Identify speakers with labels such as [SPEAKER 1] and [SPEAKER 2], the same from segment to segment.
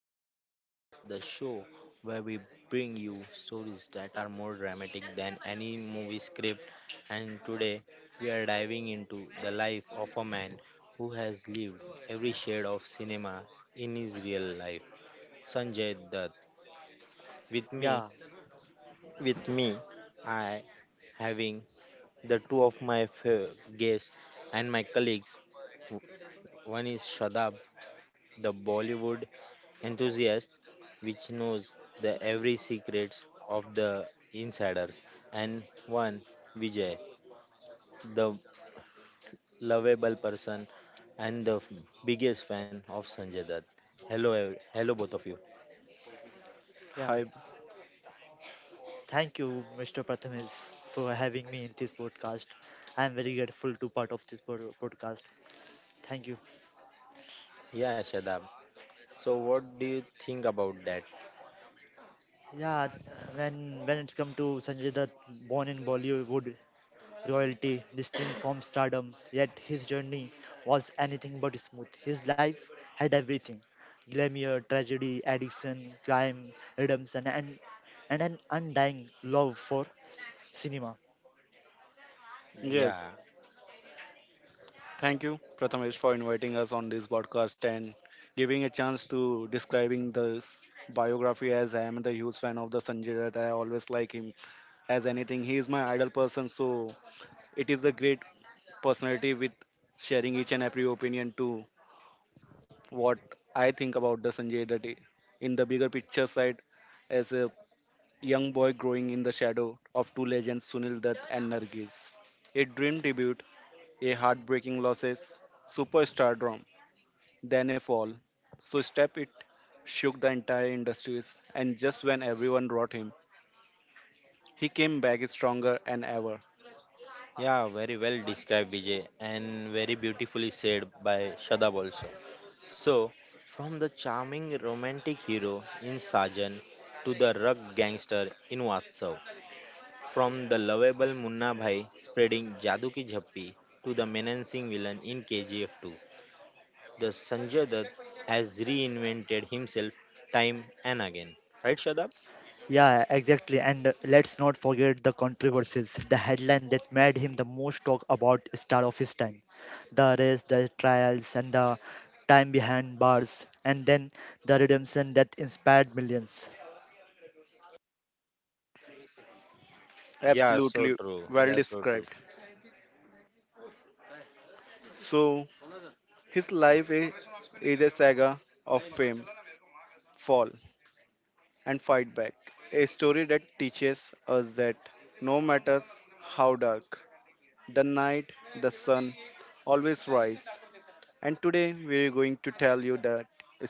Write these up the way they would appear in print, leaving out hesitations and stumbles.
[SPEAKER 1] Bollywood Chronicles, the show where we bring you stories that are more dramatic than any movie script. And today we are diving into the life of a man who has lived every shade of cinema in his real life, Sanjay Dutt. With me,
[SPEAKER 2] Yeah,
[SPEAKER 1] with me, I having the two of my guests and my colleagues. One is Shadab the Bollywood enthusiast which knows the every secrets of the insiders and one Vijay the lovable person and the biggest fan of Sanjay Dutt. Hello both of you.
[SPEAKER 2] yeah. Thank you, Mr. Prathamesh, for having me in this podcast. I'm very grateful to part of this podcast. Thank you.
[SPEAKER 1] Yeah, Shadab. So what do you think about that?
[SPEAKER 2] Yeah, when it's come to Sanjay Dutt, born in Bollywood royalty, destined from stardom, yet his journey was anything but smooth. His life had everything: glamour, tragedy, addiction, crime, redemption, and an undying love for cinema.
[SPEAKER 1] Yeah.
[SPEAKER 3] Yes, thank you, Prathamesh, for inviting us on this podcast and giving a chance to describing this biography as I am the huge fan of the Sanjay Dutt. I always like him as anything. He is my idol person, so it is a great personality with sharing each and every opinion to what I think about the Sanjay Dutt in the bigger picture side as a young boy growing in the shadow of two legends, Sunil Dutt and Nargis. A dream debut, a heartbreaking losses, superstardom, then a fall. So step it shook the entire industries and just when everyone wrote him, he came back stronger than ever.
[SPEAKER 1] Yeah, very well described, Vijay, and very beautifully said by Shadab also. So, from the charming romantic hero in Sajan to the rugged gangster in Vatsav, from the lovable Munna Bhai spreading Jadu Ki Jhappi to the menacing villain in KGF 2, the Sanjay Dutt has reinvented himself time and again. Right, Shadab?
[SPEAKER 2] Yeah, exactly. And let's not forget the controversies. The headline that made him the most talk about star of his time. The arrest, the trials, and the time behind bars. And then the redemption that inspired millions.
[SPEAKER 1] Yeah, so
[SPEAKER 3] Absolutely
[SPEAKER 1] true.
[SPEAKER 3] well
[SPEAKER 1] Yeah, so true.
[SPEAKER 3] described. So his life is a saga of fame, fall and fight back. A story that teaches us that no matter how dark the night, the sun always rise. And today we're going to tell you that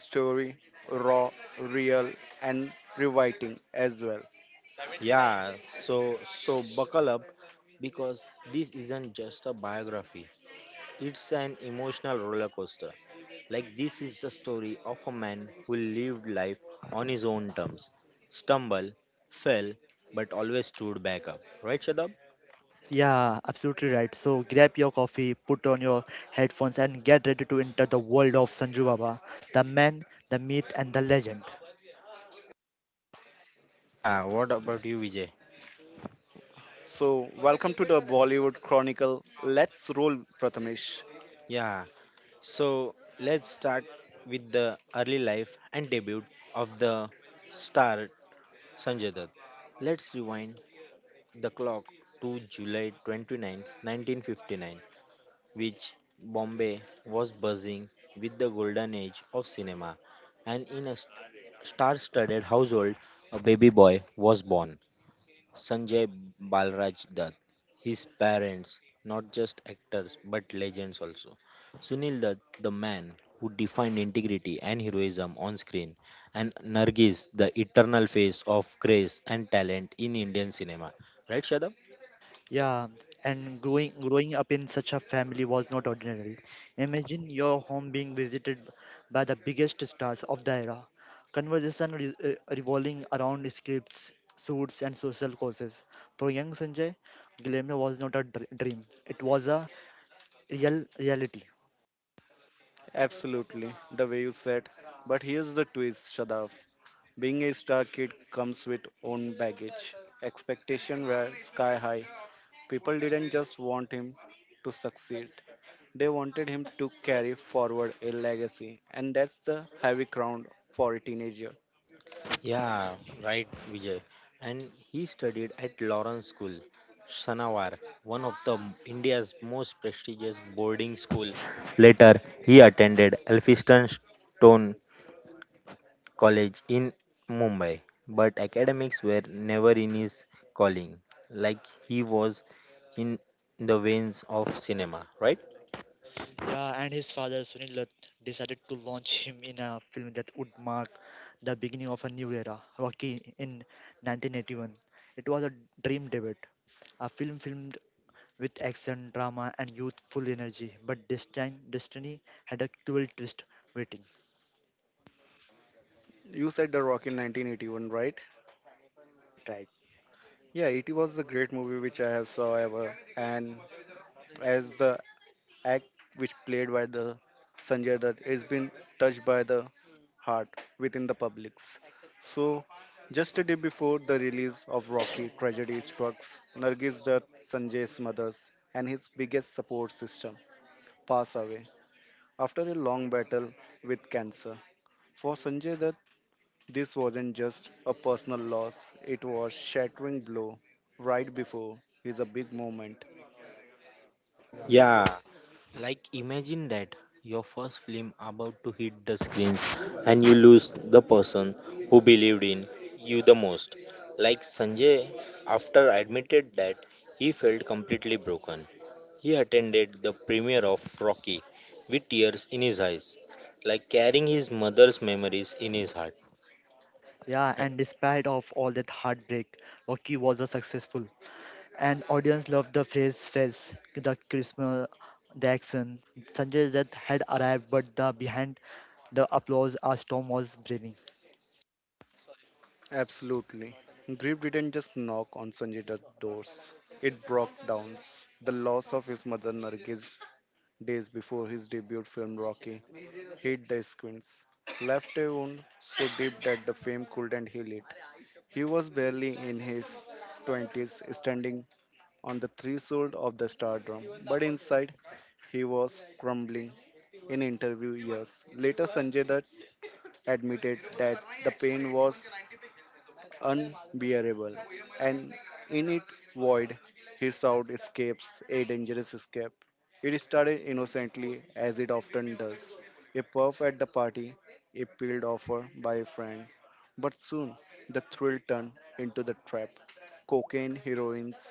[SPEAKER 3] story raw, real, and rewriting as well.
[SPEAKER 1] Yeah, so buckle up because this isn't just a biography. It's an emotional roller coaster. Like this is the story of a man who lived life on his own terms, stumbled, fell, but always stood back up. Right, Shadab?
[SPEAKER 2] Yeah, absolutely right. So grab your coffee, put on your headphones, and get ready to enter the world of Sanju Baba, the man, the myth, and the legend.
[SPEAKER 1] Yeah, what about you, Vijay?
[SPEAKER 3] So, welcome to the Bollywood Chronicle. Let's roll, Prathamesh.
[SPEAKER 1] Yeah. So let's start with the early life and debut of the star Sanjay Dutt. Let's rewind the clock to July 29, 1959, which Bombay was buzzing with the golden age of cinema, and in a star-studded household, a baby boy was born, Sanjay Balraj Dutt. His parents, not just actors but legends also. Sunil Dutt, the man who defined integrity and heroism on screen, and Nargis, the eternal face of grace and talent in Indian cinema. Right, Shadab?
[SPEAKER 2] Yeah, and growing up in such a family was not ordinary. Imagine your home being visited by the biggest stars of the era. Conversation revolving around scripts, suits, and social causes. For young Sanjay, glamour was not a dream; it was a real reality.
[SPEAKER 3] Absolutely, the way you said. But here's the twist, Shadav. Being a star kid comes with own baggage. Expectation were sky high. People didn't just want him to succeed. They wanted him to carry forward a legacy, and that's the heavy crown for a teenager.
[SPEAKER 1] Yeah, right, Vijay. And he studied at Lawrence School, Sanawar, one of the India's most prestigious boarding school. Later, he attended Elphinstone Stone College in Mumbai, but academics were never in his calling, like he was in the veins of cinema, right?
[SPEAKER 2] Yeah, and his father Sunil Dutt decided to launch him in a film that would mark the beginning of a new era, Rocky, in 1981. It was a dream debut, a film with action, drama, and youthful energy. But this time, destiny had a cruel twist waiting.
[SPEAKER 3] You said The Rock in 1981, right?
[SPEAKER 2] Right, right.
[SPEAKER 3] Yeah, it was the great movie which I have saw ever, and as the act which played by the Sanjay Dutt has been touched by the heart within the publics. So, just a day before the release of Rocky, tragedy strikes Nargis Dutt, Sanjay's mother, and his biggest support system pass away after a long battle with cancer. For Sanjay Dutt, this wasn't just a personal loss, it was shattering blow right before his a big moment.
[SPEAKER 1] Yeah, like imagine that your first film about to hit the screens and you lose the person who believed in you the most. Like Sanjay, after admitted that he felt completely broken, he attended the premiere of Rocky with tears in his eyes, like carrying his mother's memories in his heart.
[SPEAKER 2] Yeah, and despite of all that heartbreak, Rocky was a successful, and audience loved the phrase face, the charisma, the action. Sanjay Dutt had arrived, but the behind the applause, a storm was brewing.
[SPEAKER 3] Absolutely. Grief didn't just knock on Sanjay's doors. It broke down the loss of his mother Nargis days before his debut film Rocky hit the screens. Left a wound so deep that the fame couldn't heal it. He was barely in his 20s, standing on the threshold of the stardom, but inside he was crumbling. In interview years later, Sanjay Dutt admitted that the pain was unbearable, and in it void his sound escapes a dangerous escape. It started innocently, as it often does, a puff at the party, a peeled offer by a friend. But soon the thrill turned into the trap. Cocaine, heroines,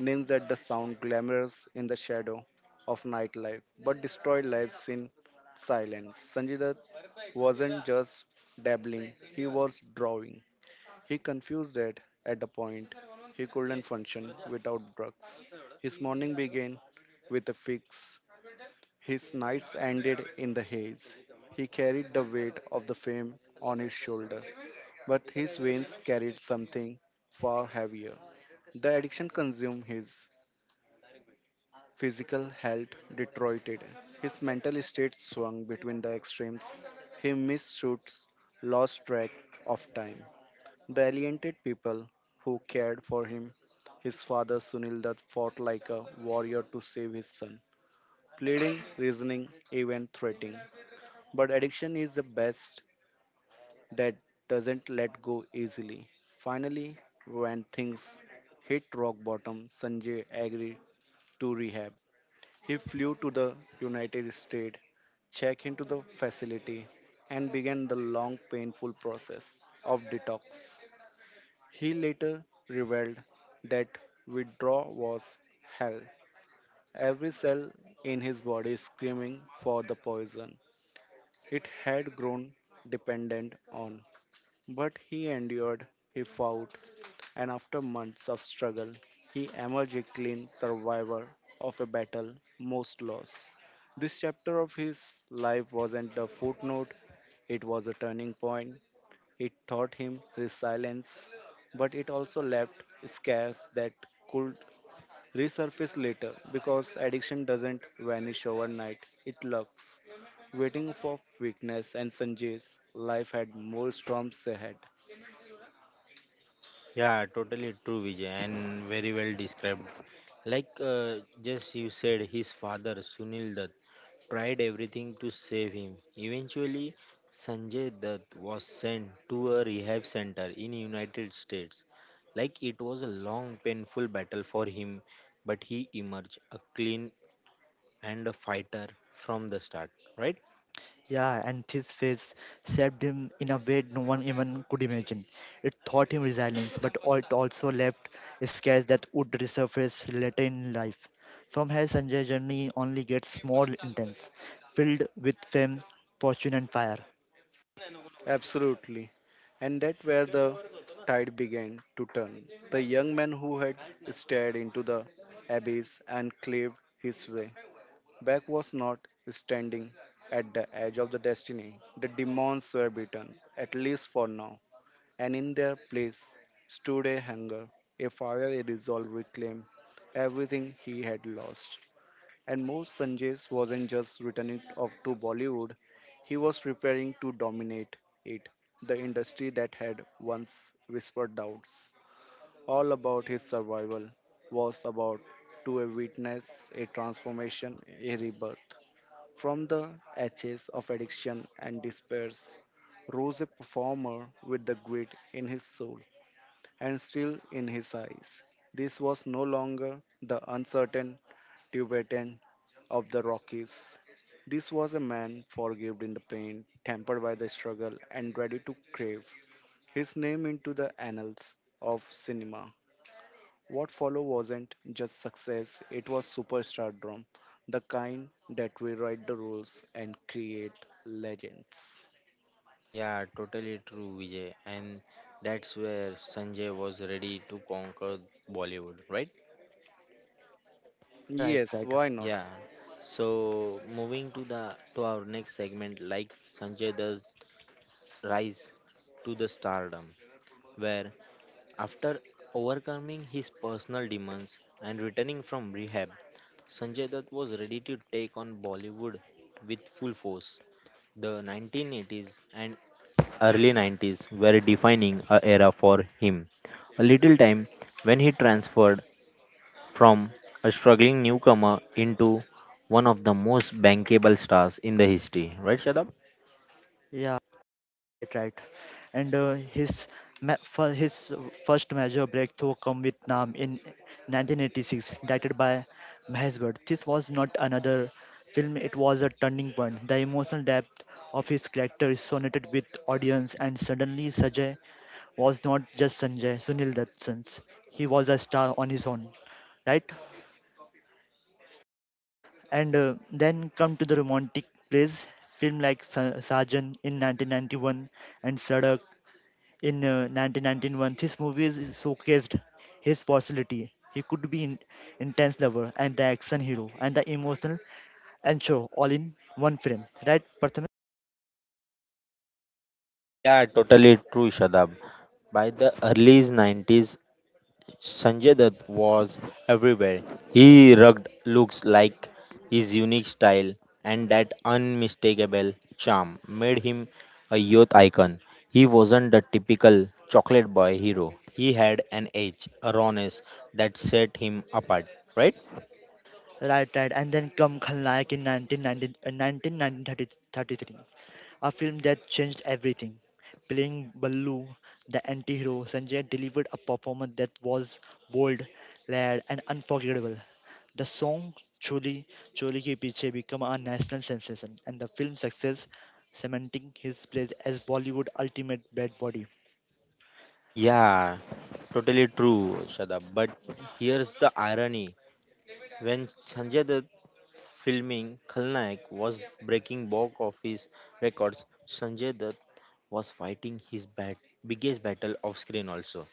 [SPEAKER 3] names that the sound glamorous in the shadow of nightlife, but destroy lives in silence. Sanjay Dutt wasn't just dabbling, he was drawing. He confused that at a point he couldn't function without drugs. His morning began with a fix, his nights ended in the haze. He carried the weight of the fame on his shoulder, but his veins carried something far heavier. The addiction consumed his physical health, deteriorated. His mental state swung between the extremes. He missed shoots, lost track of time. The people who cared for him, his father Sunil Dutt fought like a warrior to save his son, pleading, reasoning, even threatening. But addiction is the best that doesn't let go easily. Finally, when things hit rock bottom, Sanjay agreed to rehab. He flew to the United States, checked into the facility, and began the long, painful process of detox. He later revealed that withdrawal was hell, every cell in his body screaming for the poison it had grown dependent on. But he endured, he fought, and after months of struggle, he emerged a clean survivor of a battle most lost. This chapter of his life wasn't a footnote, it was a turning point. It taught him resilience, but it also left scars that could resurface later because addiction doesn't vanish overnight, it lurks. Waiting for weakness and Sanjay's life had more storms ahead.
[SPEAKER 1] Yeah, totally true, Vijay, and very well described. Like just you said, his father Sunil Dutt tried everything to save him. Eventually, Sanjay Dutt was sent to a rehab center in United States. Like it was a long, painful battle for him, but he emerged a clean and a fighter from the start. Right?
[SPEAKER 2] Yeah, and his face shaped him in a way no one even could imagine. It taught him resilience, but it also left scars that would resurface later in life. From here, Sanjay's journey only gets more intense, filled with fame, fortune, and fire.
[SPEAKER 3] Absolutely. And that where the tide began to turn. The young man who had stared into the abyss and claved his way Beck was not standing at the edge of the destiny. The demons were beaten, at least for now, and in their place stood a hunger, a fire, a resolve to reclaim everything he had lost. And most Sanjay wasn't just returning off to Bollywood, he was preparing to dominate it, the industry that had once whispered doubts. All about his survival was about to a witness, a transformation, a rebirth. From the ashes of addiction and despair rose a performer with the grit in his soul and still in his eyes. This was no longer the uncertain Tibetan of the Rockies. This was a man forgived in the pain, tempered by the struggle, and ready to crave his name into the annals of cinema. What followed wasn't just success, it was superstardom, the kind that rewrite the rules and create legends.
[SPEAKER 1] Yeah, totally true, Vijay, and that's where Sanjay was ready to conquer Bollywood. Right?
[SPEAKER 2] Right,
[SPEAKER 3] Yes,
[SPEAKER 2] right.
[SPEAKER 3] why not?
[SPEAKER 1] Yeah. So moving to our next segment, like Sanjay does rise to the stardom, where after overcoming his personal demons and returning from rehab, Sanjay Dutt was ready to take on Bollywood with full force. The 1980s and early 90s were defining a era for him. A little time when he transferred from a struggling newcomer into one of the most bankable stars in the history. Right, Shadab?
[SPEAKER 2] Yeah. Right, right. And for his first major breakthrough come with Nam in 1986, directed by Mahesh Bhatt. This was not another film; it was a turning point. The emotional depth of his character resonated with audience, and suddenly Sanjay was not just Sanjay Sunil Dutt's. He was a star on his own, right? And then come to the romantic plays. Film like Sajan in 1991 and Sadak in 1991. This movie showcased his versatility. He could be an intense lover and the action hero and the emotional and show all in one film. Right, Pratham?
[SPEAKER 1] Yeah, totally true, Shadab. By the early 90s, Sanjay Dutt was everywhere. He rugged looks like his unique style and that unmistakable charm made him a youth icon. He wasn't the typical chocolate boy hero. He had an edge, a rawness that set him apart, right?
[SPEAKER 2] Right, right. And then come Khalnayak in 1990, 1933, a film that changed everything. Playing Ballu, the anti-hero, Sanjay delivered a performance that was bold, layered, and unforgettable. The song Choli Choli Ki Piche became a national sensation and the film's success cementing his place as Bollywood ultimate bad body.
[SPEAKER 1] Yeah, totally true, Shadab. But here's the irony. When Sanjay Dutt filming Khalnaik was breaking box office records, Sanjay Dutt was fighting his biggest battle off screen also.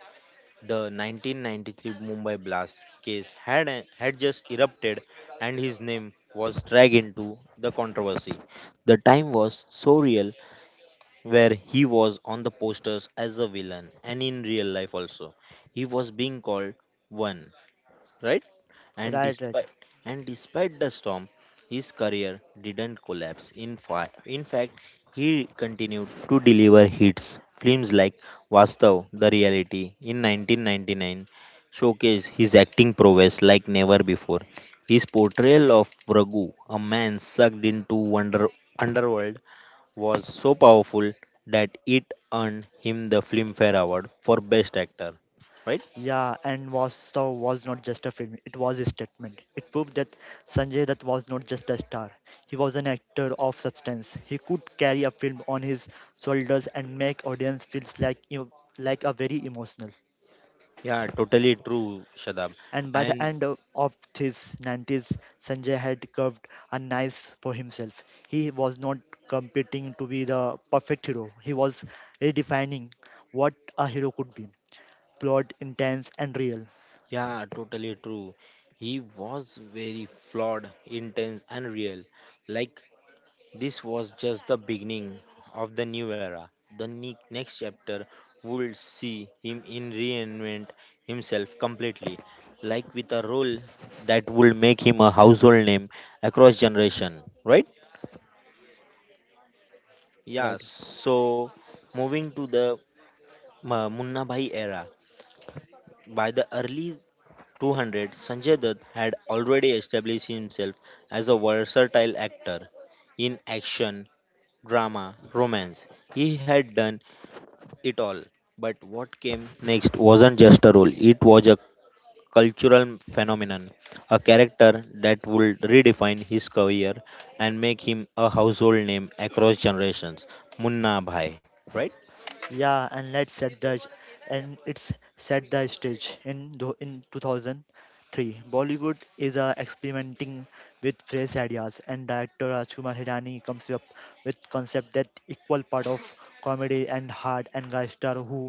[SPEAKER 1] The 1993 Mumbai blast case had just erupted and his name was dragged into the controversy. The time was so real where he was on the posters as a villain and in real life also. He was being called one, right? And
[SPEAKER 2] Right, right.
[SPEAKER 1] despite and despite the storm, his career didn't collapse. In fact, he continued to deliver hits. Films like Vastav, The Reality in 1999 showcased his acting prowess like never before. His portrayal of Raghu, a man sucked into wonder underworld, was so powerful that it earned him the Filmfare Award for Best Actor. Right?
[SPEAKER 2] Yeah, and Vastav was not just a film, it was a statement. It proved that Sanjay Dutt was not just a star, he was an actor of substance. He could carry a film on his shoulders and make audience feels like, you like a very emotional.
[SPEAKER 1] Yeah, totally true, Shadab.
[SPEAKER 2] And by the
[SPEAKER 1] And
[SPEAKER 2] end of his 90s, Sanjay had carved a nice for himself. He was not competing to be the perfect hero, he was redefining what a hero could be flawed, intense, and real.
[SPEAKER 1] yeah, totally true. He was very flawed, intense, and real. Like, this was just the beginning of the new era. The next chapter would see him in reinvent himself completely, like with a role that would make him a household name across generation, right?
[SPEAKER 2] Right,
[SPEAKER 1] Yeah,
[SPEAKER 2] right.
[SPEAKER 1] so moving to the Munna Bhai era. By the early 200, Sanjay Dutt had already established himself as a versatile actor in action, drama, romance. He had done it all. But what came next wasn't just a role, it was a cultural phenomenon, a character that would redefine his career and make him a household name across generations. Munna Bhai, right?
[SPEAKER 2] Yeah, and let's set the and it's set the stage in in 2003. Bollywood is experimenting with fresh ideas, and director Raj Kumar Hirani comes up with concept that equal part of comedy and hard and guy star who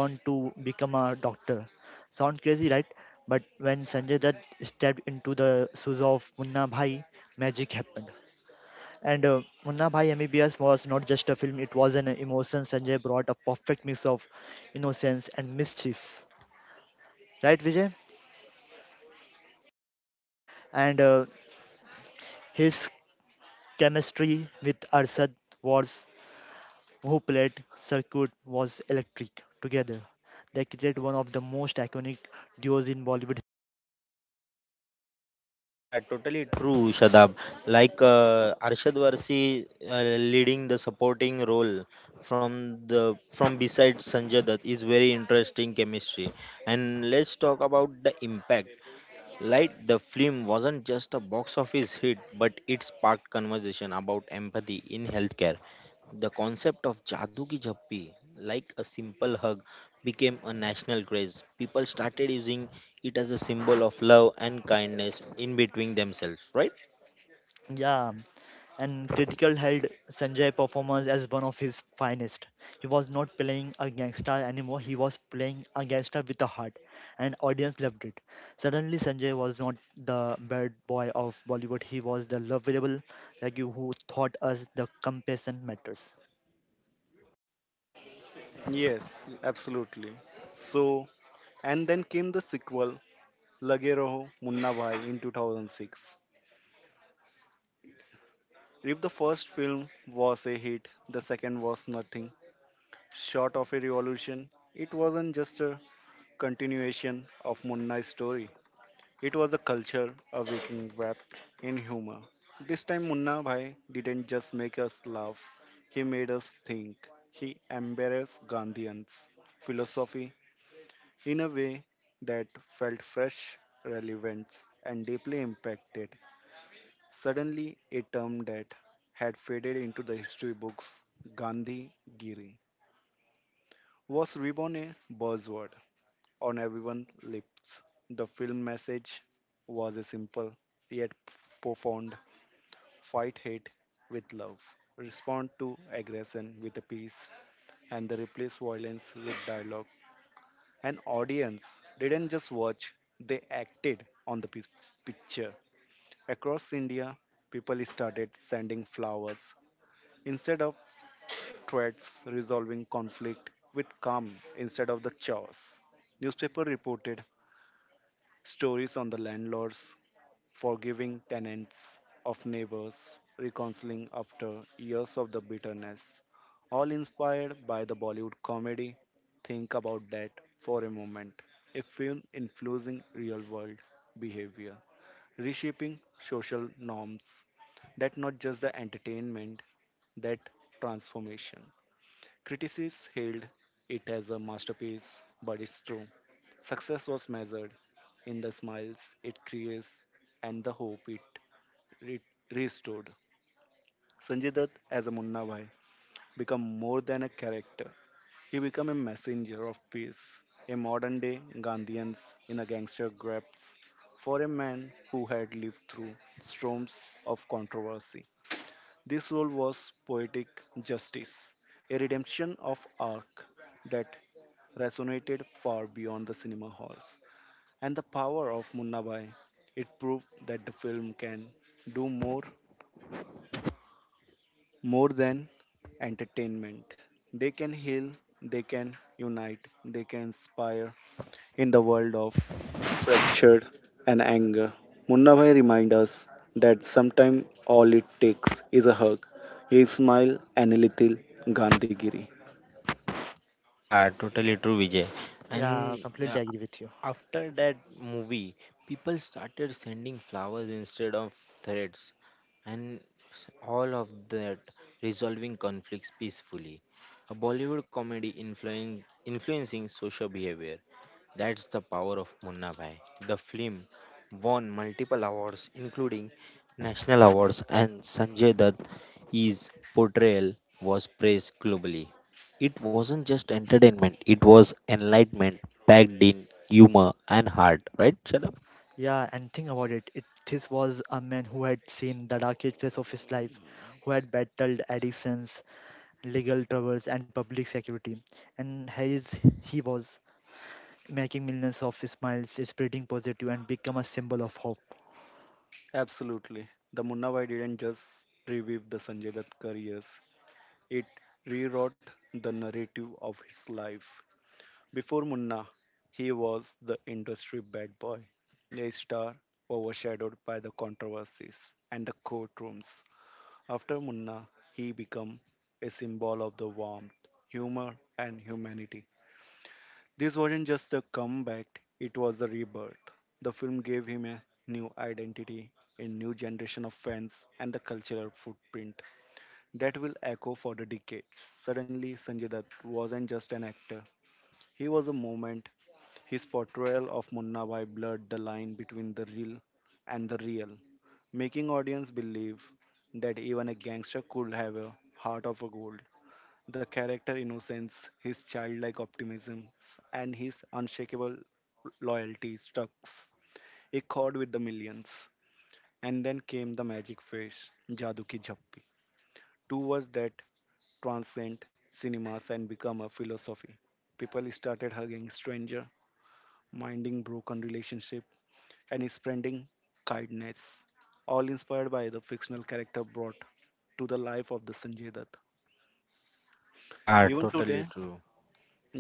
[SPEAKER 2] want to become a doctor. Sound crazy, right? But when Sanjay Dutt stepped into the shoes of Munna Bhai, magic happened. And Munna Bhai MBBS was not just a film, it was an emotion. Sanjay brought a perfect mix of innocence and mischief. Right, Vijay? And his chemistry with Arshad was, who played Circuit, was electric. Together, they created one of the most iconic duos in Bollywood.
[SPEAKER 1] Yeah, totally true, Shadab. Like Arshad Varsi leading the supporting role from beside Sanjay Dutt is very interesting chemistry. And let's talk about the impact. Light, the film wasn't just a box office hit, but it sparked conversation about empathy in healthcare. The concept of Jadoo Ki Jappi, like a simple hug, became a national craze. People started using it as a symbol of love and kindness in between themselves, right?
[SPEAKER 2] Yeah, and Critical held Sanjay performance as one of his finest. He was not playing a gangster anymore, he was playing a gangster with a heart, and audience loved it. Suddenly, Sanjay was not the bad boy of Bollywood, he was the lovable like you who taught us the compassion matters.
[SPEAKER 3] Yes, absolutely. So, and then came the sequel, Lage Roho Munna Bhai in 2006. If the first film was a hit, the second was nothing short of a revolution. It wasn't just a continuation of Munna's story. It was a culture awakening wrapped in humor. This time, Munna Bhai didn't just make us laugh, he made us think. He embarrassed Gandhians' philosophy in a way that felt fresh, relevant, and deeply impacted. Suddenly, a term that had faded into the history books, Gandhi Giri, was reborn a buzzword on everyone's lips. The film message was a simple yet profound fight hate with love. Respond to aggression with a peace and the replace violence with dialogue. An audience didn't just watch, they acted on the picture. Across India, people started sending flowers instead of threats, resolving conflict with calm instead of the chaos. Newspaper reported stories on the landlords forgiving tenants of neighbors, reconciling after years of the bitterness, all inspired by the Bollywood comedy. Think about that for a moment. A film influencing real world behavior, reshaping social norms. That not just the entertainment, that transformation. Critics hailed it as a masterpiece, but it's true. Success was measured in the smiles it creates and the hope it re- restored. Sanjay Dutt as a Munna Bhai become more than a character. He became a messenger of peace, a modern day Gandhians in a gangster grasp for a man who had lived through storms of controversy. This role was poetic justice, a redemption of arc that resonated far beyond the cinema halls. And the power of Munna Bhai, it proved that the film can do more than entertainment. They can heal, they can unite, they can inspire in the world of fracture and anger. Munna Bhai reminds us that sometimes all it takes is a hug, a smile, and a little Gandhigiri.
[SPEAKER 1] Yeah, totally true, Vijay.
[SPEAKER 2] Yeah,
[SPEAKER 1] And uh,
[SPEAKER 2] completely agree with you.
[SPEAKER 1] after that movie, people started sending flowers instead of threats, and all of that resolving conflicts peacefully. A Bollywood comedy influencing social behavior. That's the power of Munna Bhai. The film won multiple awards, including national awards, and Sanjay Dutt. His portrayal was praised globally. It wasn't just entertainment, it was enlightenment packed in humor and heart, right, Shalab?
[SPEAKER 2] Yeah, and think about it. This was a man who had seen the darkest phase of his life, who had battled addictions, legal troubles, and public security. And he was making millions of smiles, spreading positive, and become a symbol of hope.
[SPEAKER 3] Absolutely. The Munna Bhai didn't just revive the Sanjay Dutt careers, it rewrote the narrative of his life. Before Munna, he was the industry bad boy, a star overshadowed by the controversies and the courtrooms. After Munna, he became a symbol of the warmth, humor, and humanity. This wasn't just a comeback, it was a rebirth. The film gave him a new identity, a new generation of fans, and the cultural footprint that will echo for the decades. Suddenly, Sanjay Dutt wasn't just an actor, he was a moment his portrayal of Munna Bhai blurred the line between the real and the real, making audience believe that even a gangster could have a heart of a gold. The character innocence, his childlike optimism, and his unshakable loyalty struck a chord with the millions. And then came the magic phrase, Jadu ki Jhappi, two words that transcend cinemas and become a philosophy. People started hugging stranger, minding broken relationship, and spreading kindness, all inspired by the fictional character brought to the life of the Sanjay Dutt.
[SPEAKER 1] Yeah,
[SPEAKER 3] Even today,
[SPEAKER 1] totally true.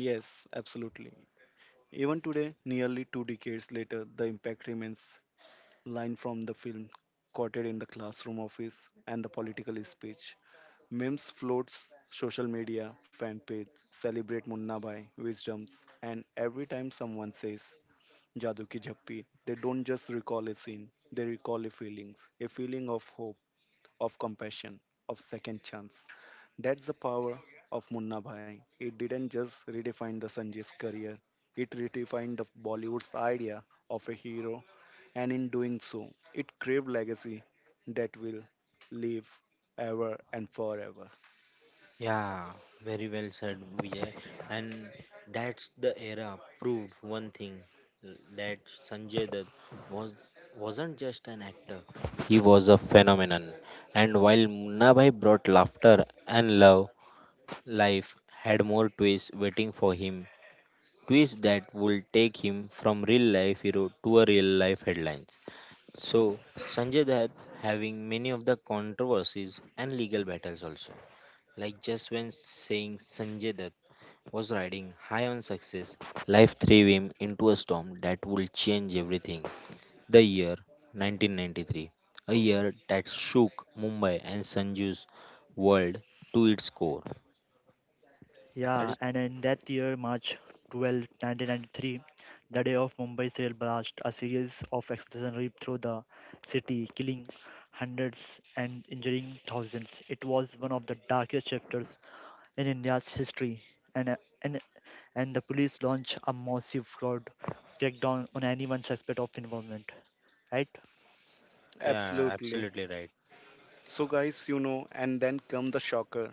[SPEAKER 3] yes, absolutely. Even today, nearly two decades later, the impact remains line from the film quoted in the classroom office and the political speech. Memes floats social media, fan page, celebrate Munna Bhai, wisdoms, and every time someone says Jadoo Ki Jhappi, they don't just recall a scene, they recall a feelings, a feeling of hope, of compassion, of second chance. That's the power of Munna Bhai. It didn't just redefine the Sanjay's career, it redefined the Bollywood's idea of a hero, and in doing so, it craved legacy that will live ever and forever.
[SPEAKER 1] Yeah, very well said, Vijay. And that's the era proved one thing that Sanjay Dutt was wasn't just an actor; he was a phenomenon. And while Munna Bhai brought laughter and love, life had more twists waiting for him. Twist that will take him from real life hero to a real life headlines. So, Sanjay Dutt having many of the controversies and legal battles also. Like just when saying Sanjay Dutt was riding high on success, life threw him into a storm that would change everything. The year 1993, a year that shook Mumbai and Sanju's world to its core. That
[SPEAKER 2] Yeah,
[SPEAKER 1] is,
[SPEAKER 2] and in that year, March 12, 1993, the day of Mumbai's rail blast, a series of explosions ripped through the city, killing hundreds and injuring thousands. It was one of the darkest chapters in India's history, and, uh, and, and the police launched a massive fraud crackdown on anyone suspect of involvement, right?
[SPEAKER 1] yeah,
[SPEAKER 3] Absolutely.
[SPEAKER 1] absolutely right.
[SPEAKER 3] So guys, and then come the shocker.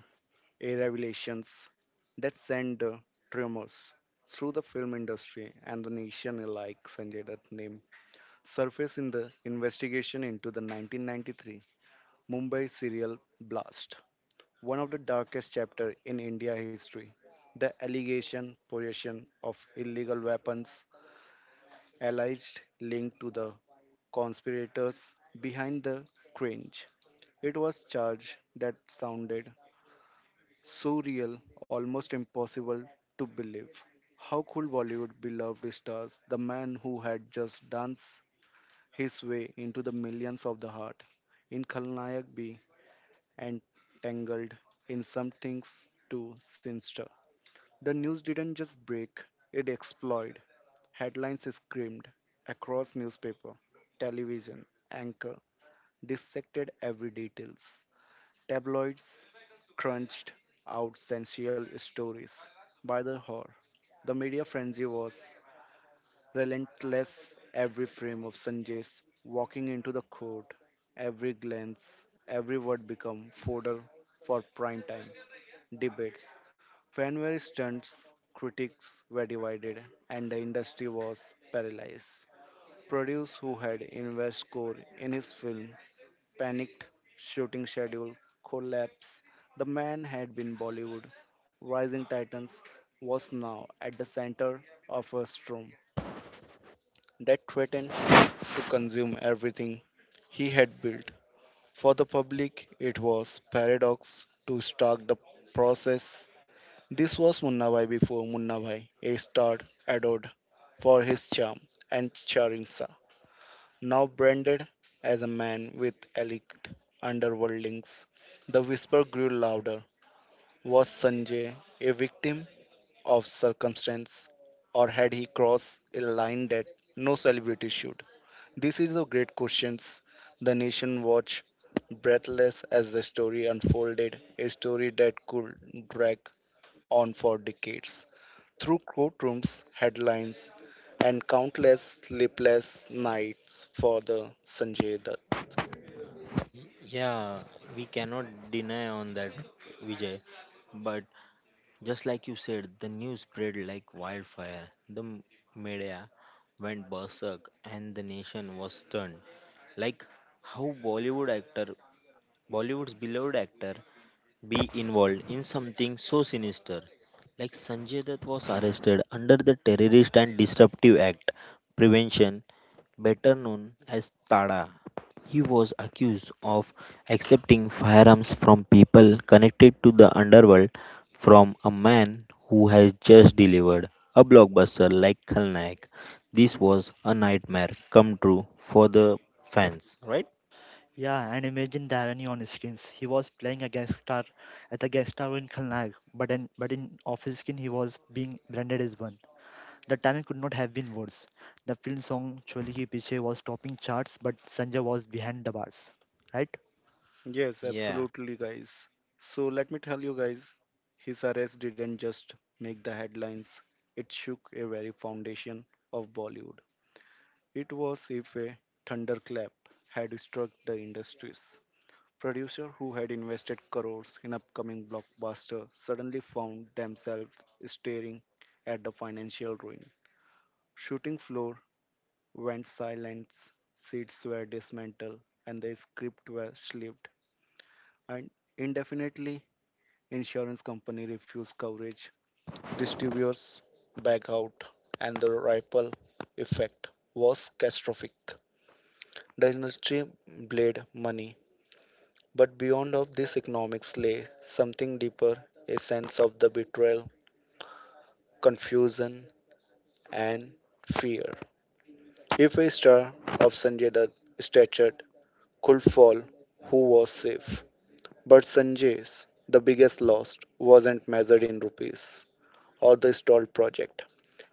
[SPEAKER 3] A revelations that sent tremors through the film industry and the nation alike Sanjay Dutt name surfaced in the investigation into the 1993 Mumbai serial blast, one of the darkest chapters in India history. The allegation possession of illegal weapons alleged linked to the conspirators behind the cringe. It was charge that sounded so real, almost impossible to believe. How could Bollywood beloved stars, the man who had just danced his way into the millions of the heart, in Khalnayak be entangled in some things too sinister. The news didn't just break, it exploded. Headlines screamed across newspaper, television, anchor, dissected every details. Tabloids crunched out sensual stories by the hour. The media frenzy was relentless. Every frame of Sanjay's walking into the court, every glance, every word become fodder for prime time debates. Fans were stunned, critics were divided, and the industry was paralyzed. Producers who had invested core in his film panicked, shooting schedule, collapse. The man had been Bollywood. Rising Titans was now at the center of a storm that threatened to consume everything he had built. For the public, it was paradox to start the process. This was Munna Bhai before Munna Bhai, a star adored for his charm and charisma now branded as a man with elite underworld links. The whisper grew louder. Was Sanjay a victim of circumstance, or had he crossed a line that no celebrity should? This is the great questions. The nation watched breathless as the story unfolded, a story that could drag on for decades. Through courtrooms, headlines, and countless sleepless nights for the Sanjay Dutt.
[SPEAKER 1] Yeah, we cannot deny on that, Vijay. But just like you said, the news spread like wildfire. The media went berserk, and the nation was stunned. Like how Bollywood actor, Bollywood's beloved actor, be involved in something so sinister. Like Sanjay Dutt was arrested under the Terrorist and Disruptive Act Prevention, better known as TADA. He was accused of accepting firearms from people connected to the underworld from a man who had just delivered a blockbuster like Khalnaik. This was a nightmare come true for the fans, right?
[SPEAKER 2] Yeah, and imagine the irony on his screens. He was playing a guest star as a guest star in Khalnag, but in off his skin he was being branded as one. The timing could not have been worse. The film song Choli Ki Piche was topping charts, but Sanjay was behind the bars, right?
[SPEAKER 3] Yes,
[SPEAKER 1] Yeah,
[SPEAKER 3] absolutely, guys. So let me tell you guys, his arrest didn't just make the headlines, it shook a very foundation of Bollywood. It was if a thunderclap had struck the industries. Producers who had invested crores in upcoming blockbuster suddenly found themselves staring at the financial ruin. Shooting floor went silent, seats were dismantled, and the script was shelved. And indefinitely, insurance company refused coverage. Distributors back out, and the ripple effect was catastrophic. The industry bled money, but beyond of this economics lay something deeper, a sense of the betrayal, confusion, and fear. If a star of Sanjay Dutt stature could fall, who was safe? But Sanjay's, the biggest loss, wasn't measured in rupees or the stalled project.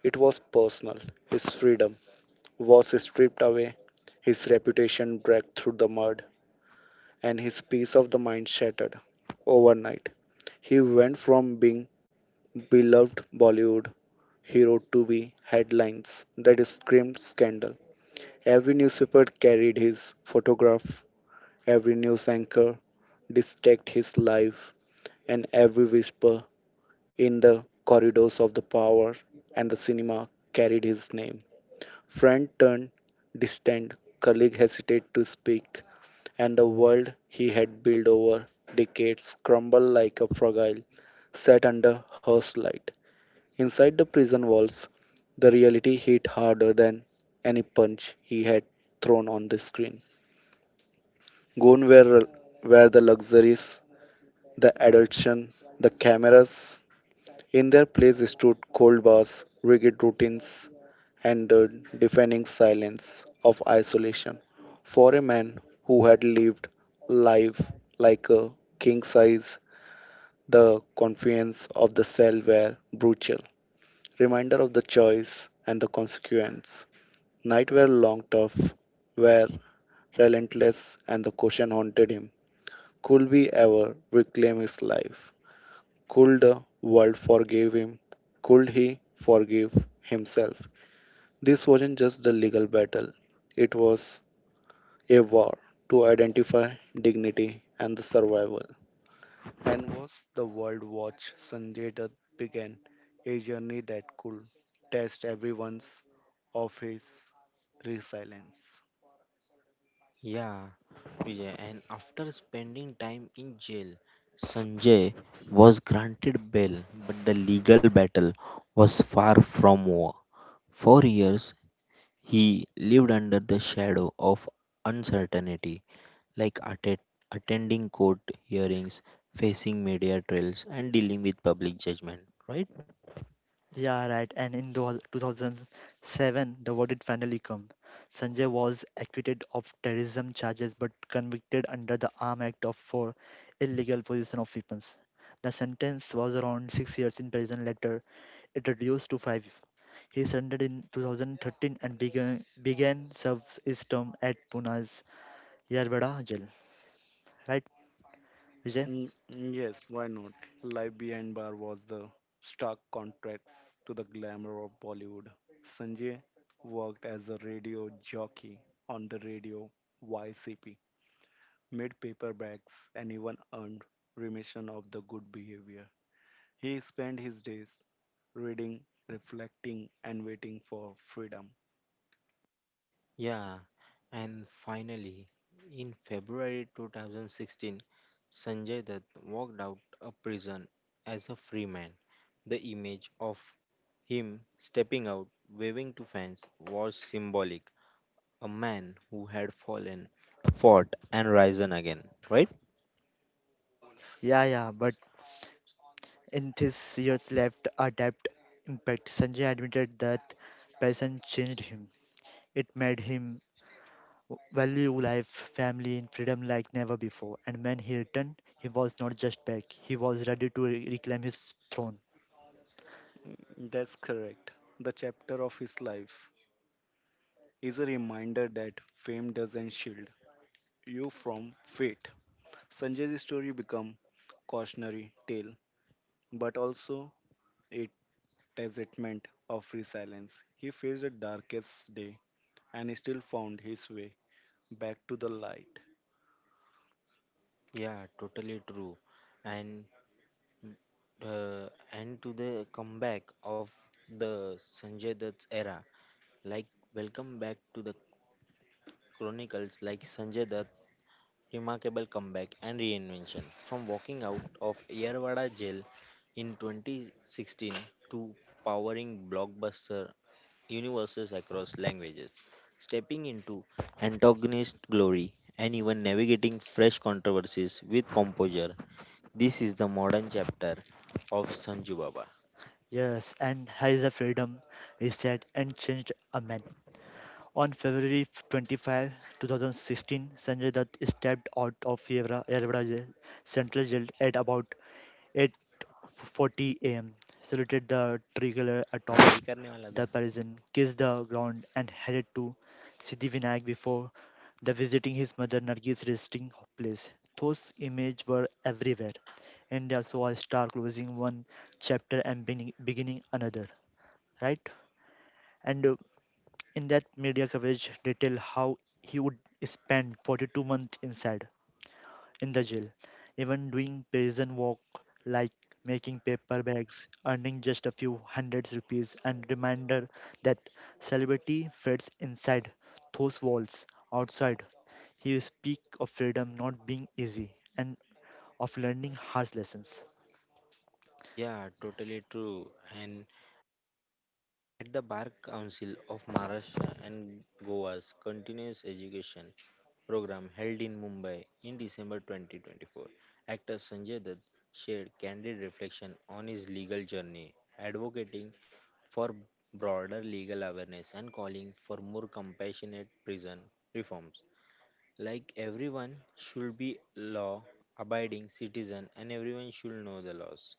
[SPEAKER 3] It was personal. His freedom was stripped away, his reputation dragged through the mud, and his peace of the mind shattered overnight. He went from being beloved Bollywood hero to be headlines that screamed scandal. Every newspaper carried his photograph, every news anchor dissected his life, and every whisper in the corridors of the power and the cinema carried his name. Friend turned distant, colleague hesitated to speak, and the world he had built over decades crumbled like a fragile set under her light. Inside the prison walls, the reality hit harder than any punch he had thrown on the screen. Gone were the luxuries, the adulation, the cameras, in their place stood cold bars, rigid routines, and the deafening silence of isolation. For a man who had lived life like a king size, the confines of the cell were brutal, reminder of the choice and the consequence. Night were long, tough, were relentless, and the question haunted him: could we ever reclaim his life? Could the world forgive him? Could he forgive himself? This wasn't just a legal battle, it was a war to identify dignity and the survival. And was the world watch Sanjay Dutt began a journey that could test everyone's of his resilience.
[SPEAKER 1] yeah, Vijay. And after spending time in jail, Sanjay was granted bail, but the legal battle was far from over. For years, he lived under the shadow of uncertainty, like attending court hearings, facing media trials, and dealing with public judgment, right?
[SPEAKER 2] Yeah, right. And in the 2007, the verdict finally came. Sanjay was acquitted of terrorism charges but convicted under the Arm Act of for illegal possession of weapons. The sentence was around 6 years in prison. Later, it reduced to five. He surrendered in 2013 and began serves his term at Pune's Yarbada jail. Right, Vijay?
[SPEAKER 3] Yes, why not? Life Behind Bar was the stark contrast to the glamour of Bollywood. Sanjay worked as a radio jockey on the radio YCP, made paper bags, and even earned remission of the good behavior. He spent his days reading, reflecting, and waiting for freedom.
[SPEAKER 1] Yeah, and finally, in February 2016, Sanjay Dutt walked out of prison as a free man. The image of him stepping out, waving to fans, was symbolic. A man who had fallen, fought, and risen again, right?
[SPEAKER 2] Yeah, yeah. But in his years left a debt impact, Sanjay admitted that passion changed him. It made him value life, family, and freedom like never before. And when he returned, he was not just back, he was ready to reclaim his throne.
[SPEAKER 3] That's correct. The chapter of his life is a reminder that fame doesn't shield you from fate. Sanjay's story become cautionary tale, but also a testament of resilience. He faced the darkest day and still found his way back to the light.
[SPEAKER 1] Yeah, totally true. And and to the comeback of the Sanjay Dutt's era, like welcome back to the chronicles, like Sanjay Dutt remarkable comeback and reinvention from walking out of Yerwada jail in 2016 to powering blockbuster universes across languages, stepping into antagonist glory and even navigating fresh controversies with composure. This is the modern chapter of Sanju Baba.
[SPEAKER 2] Yes, and has a freedom, he said, and changed a man. On February 25, 2016, Sanjay Dutt stepped out of Yerwada jail, central jail at about 40 a.m., saluted the tricolor
[SPEAKER 1] हाँ,
[SPEAKER 2] atop
[SPEAKER 1] वही करने वाला था.
[SPEAKER 2] the Parisian, kissed the ground, and headed to Siddhivinayak before the visiting his mother Nargis resting place. Those images were everywhere. India saw a star closing one chapter and beginning another, right? And in that media coverage, detailed how he would spend 42 months inside in the jail, even doing prison work like making paper bags, earning just a few hundreds rupees, and reminder that celebrity fits inside those walls. Outside, he will speak of freedom not being easy and of learning harsh lessons.
[SPEAKER 1] Yeah, totally true. And at the Bar Council of Maharashtra and Goa's continuous education program held in Mumbai in December 2024, actor Sanjay Dutt shared candid reflection on his legal journey, advocating for broader legal awareness and calling for more compassionate prison reforms. Like everyone should be law abiding citizen and everyone should know the laws.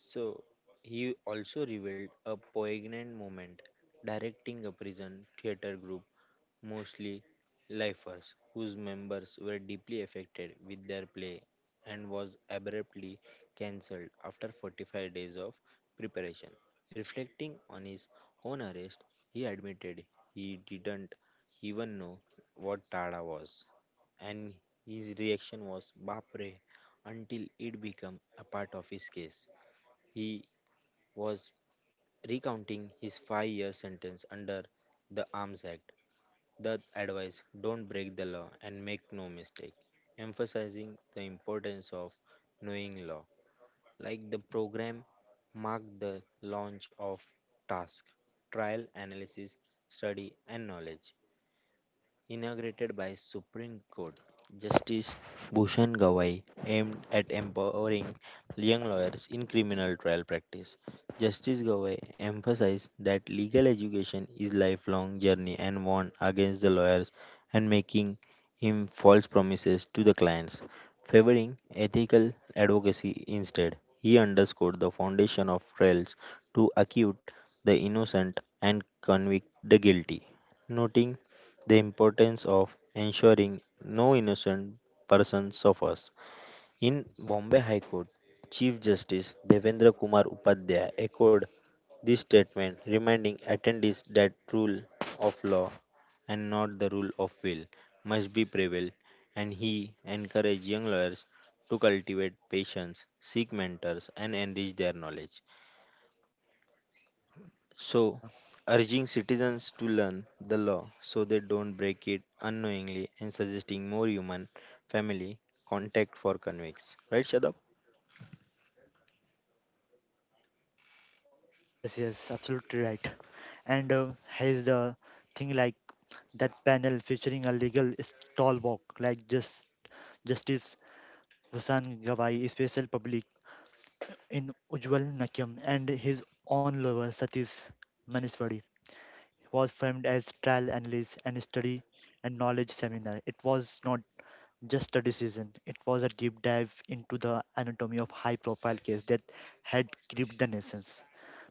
[SPEAKER 1] So he also revealed a poignant moment directing a prison theater group mostly lifers, whose members were deeply affected with their play and was abruptly cancelled after 45 days of preparation. Reflecting on his own arrest, he admitted he didn't even know what Tada was, and his reaction was "Bapre" until it became a part of his case. He was recounting his 5 year sentence under the Arms Act, the advice don't break the law and make no mistake, emphasizing the importance of knowing law. Like the program marked the launch of task, trial analysis, study, and knowledge inaugurated by Supreme Court Justice Bhushan Gawai, aimed at empowering young lawyers in criminal trial practice. Justice Gawai emphasized that legal education is lifelong journey and warned against the lawyers and making him false promises to the clients, favoring ethical advocacy instead. He underscored the foundation of trials to acquit the innocent and convict the guilty, noting the importance of ensuring no innocent person suffers. In Bombay High Court, Chief Justice Devendra Kumar Upadhyay echoed this statement, reminding attendees that rule of law and not the rule of will must be prevailed, and he encouraged young lawyers to cultivate patience, seek mentors, and enrich their knowledge. So,
[SPEAKER 2] Ah,
[SPEAKER 1] urging citizens to learn the law so they don't break it unknowingly and suggesting more human family contact for convicts. Right, Shadab?
[SPEAKER 2] yes, yes, absolutely right. And here's the thing like that panel featuring a legal stalwart like Justice Vasan Gawai, a special public in Ujjwal Nakyam and his own lover Satish Maniswadi was framed as trial analysis and study and knowledge seminar. It was not just a decision, it was a deep dive into the anatomy of high profile case that had gripped the nations.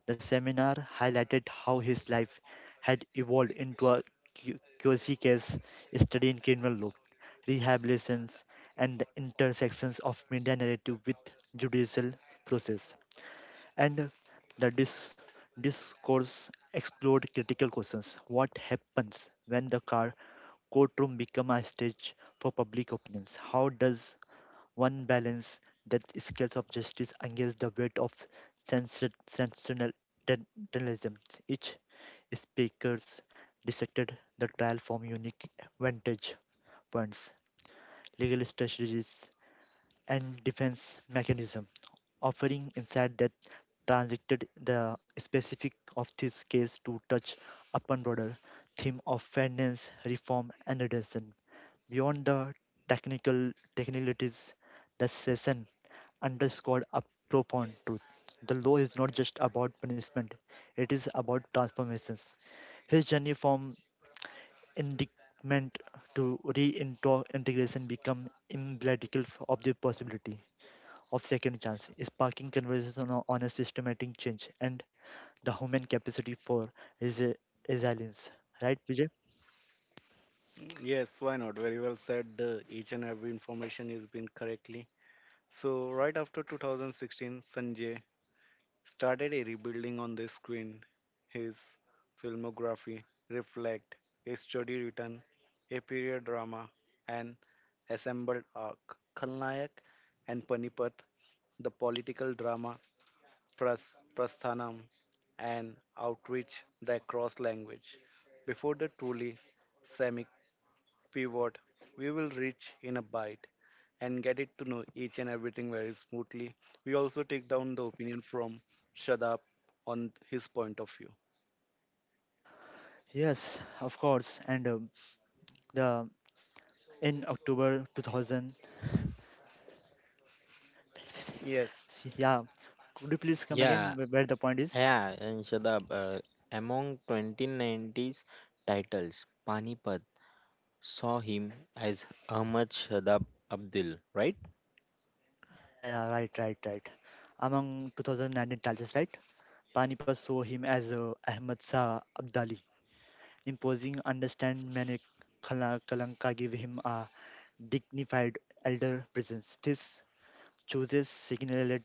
[SPEAKER 2] The seminar highlighted how his life had evolved into a QC case study in criminal law, rehabilitations, and the intersections of media narrative with judicial process and the discourse explored critical questions. What happens when the car courtroom become a stage for public opinions? How does one balance that scales of justice against the weight of sensationalism? Each speakers dissected the trial from unique vantage points, legal strategies, and defense mechanism offering insight that transacted the specific of this case to touch upon broader theme of fairness, reform, and redemption. Beyond the technicalities, the session underscored a profound truth. The law is not just about punishment, it is about transformations. His journey from indictment to reintegration become emblematical of the possibility of second chance, sparking conversation on a systematic change and the human capacity for resi- resilience. Right, Vijay?
[SPEAKER 3] Yes, why not? Very well said. The each and every information has been correctly. So right after 2016, Sanjay started a rebuilding on the screen. His filmography reflect a study written, a period drama, an assembled arc. Khalnayak and Panipat, the political drama Prasthanam, and outreach that cross language. Before the truly semic pivot, we will reach in a bite and get it to know each and everything very smoothly. We also take down the opinion from Shadab on his point of view.
[SPEAKER 2] Yes, of course. And the in October 2000,
[SPEAKER 3] Yes,
[SPEAKER 2] yeah, could you please come again
[SPEAKER 1] Yeah,
[SPEAKER 2] where the point is?
[SPEAKER 1] yeah, and Shadab, among 2090s titles, Panipat saw him as Ahmad Shadab Abdul, right?
[SPEAKER 2] Yeah, yeah, yeah, right, right, right. Among 2019 titles, right? Panipat saw him as Ahmad Shah Abdali, imposing understand Manik Kalanka gave him a dignified elder presence. This chooses signaled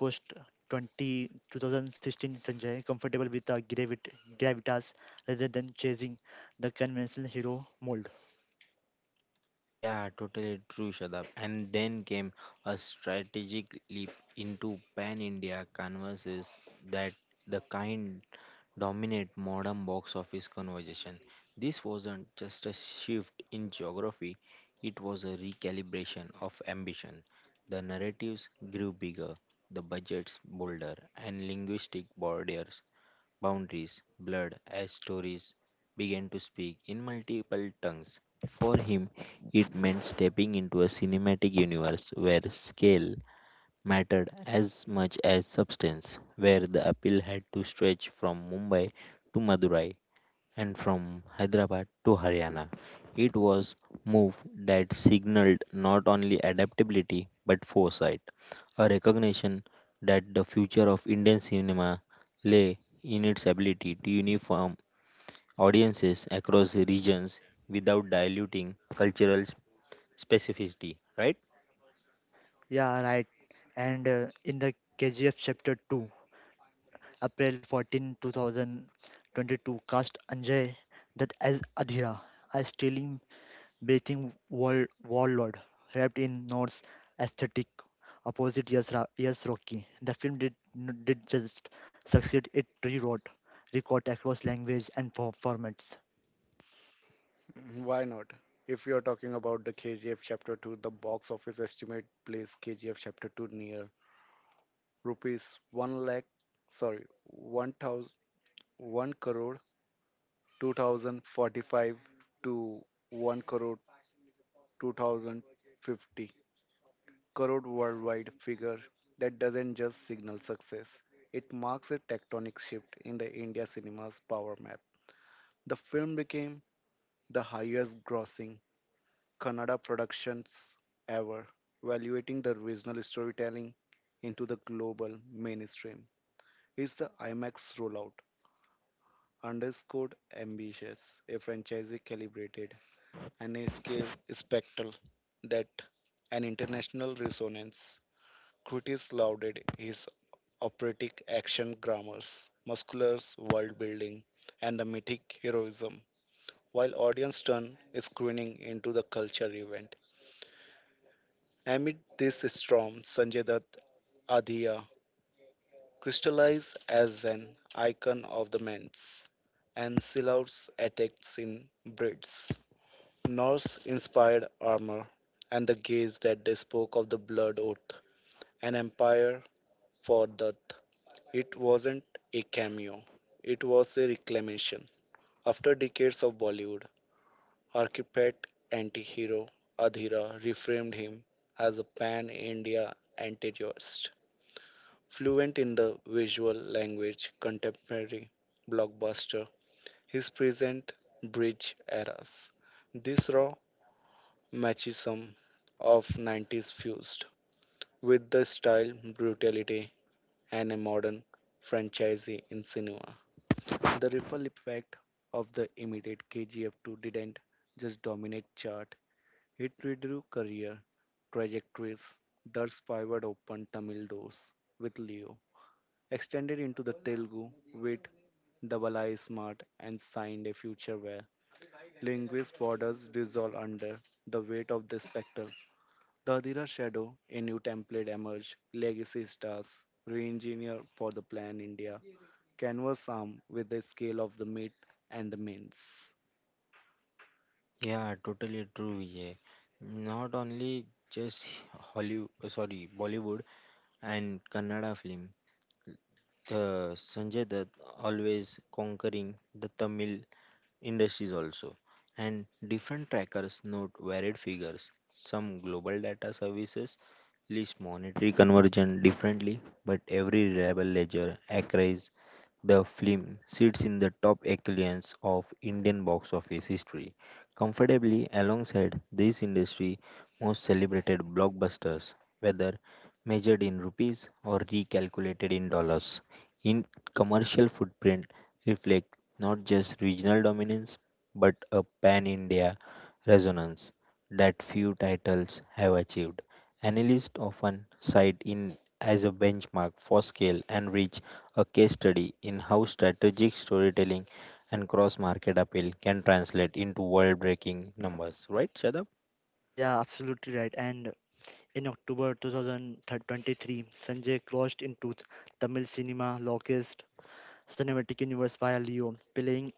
[SPEAKER 2] post 20, 2016 Sanjay, comfortable with the gravitas rather than chasing the conventional hero mold.
[SPEAKER 1] Yeah, totally true, Shadab. And then came a strategic leap into pan India canvases that the kind dominate modern box office conversation. This wasn't just a shift in geography, it was a recalibration of ambition. The narratives grew bigger, the budgets bolder, and linguistic borders, boundaries blurred as stories began to speak in multiple tongues. For him, it meant stepping into a cinematic universe where scale mattered as much as substance, where the appeal had to stretch from Mumbai to Madurai and from Hyderabad to Haryana. It was move that signaled not only adaptability but foresight, a recognition that the future of Indian cinema lay in its ability to uniform audiences across regions without diluting specificity, right?
[SPEAKER 2] Yeah, right. And in the KGF chapter 2, April 2022, cast Anjay that as Adhira. A stealing bathing wall, warlord, wrapped in Norse aesthetic, opposite yes Rocky. The film did just succeed, it rewrote, record across language and formats.
[SPEAKER 3] why not? If you're talking about the KGF Chapter 2, the box office estimate plays KGF Chapter 2 near rupees 1 lakh, sorry, 1,000, one crore 2045 to 1 crore 2050 crore worldwide figure that doesn't just signal success, it marks a tectonic shift in the India cinema's power map. The film became the highest grossing Kannada productions ever, valuating the regional storytelling into the global mainstream. It's the IMAX rollout underscored ambitious, a franchise calibrated, and a scale spectacle that an international resonance. Critics lauded his operatic action grammars, musculars world building, and the mythic heroism, while audience turn is screening into the culture event. Amid this storm, Sanjay Dutt Adhiya crystallized as an icon of the men's and Silaut's attacks in Brits, Norse-inspired armor, and the gaze that they spoke of the blood oath, an empire for Dutt. It wasn't a cameo, it was a reclamation. After decades of Bollywood, architect anti hero Adhira reframed him as a pan India anti joist. Fluent in the visual language, contemporary blockbuster, his present bridge eras. This raw machismo of 90s fused with the style, brutality, and a modern franchisee in cinema. The ripple effect of the immediate KGF 2 didn't just dominate chart, it redrew career trajectories. Thus pivot opened Tamil doors with Leo, extended into the Telugu with Double I Smart, and signed a future where linguist borders dissolve under the weight of the spectacle. The Adira Shadow, a new template emerged, legacy stars, re engineer for the plan India, canvas arm with the scale of the meat and the mince.
[SPEAKER 1] Yeah, totally true, Vijay. Not only just Hollywood, sorry, Bollywood and Kannada film. The Sanjay Dutt always conquering the Tamil industries also, and different trackers note varied figures. Some global data services list monetary conversion differently, but every reliable ledger accrues the film sits in the top echelons of Indian box office history, comfortably alongside this industry most celebrated blockbusters, whether measured in rupees or recalculated in dollars. In commercial footprint, reflect not just regional dominance but a pan India resonance that few titles have achieved. Analysts often cite in as a benchmark for scale and reach, a case study in how strategic storytelling and cross market appeal can translate into world breaking numbers. Right, Shadab?
[SPEAKER 2] Yeah, absolutely right. And in October 2023, Sanjay crossed into Tamil cinema longest cinematic universe via Leo, playing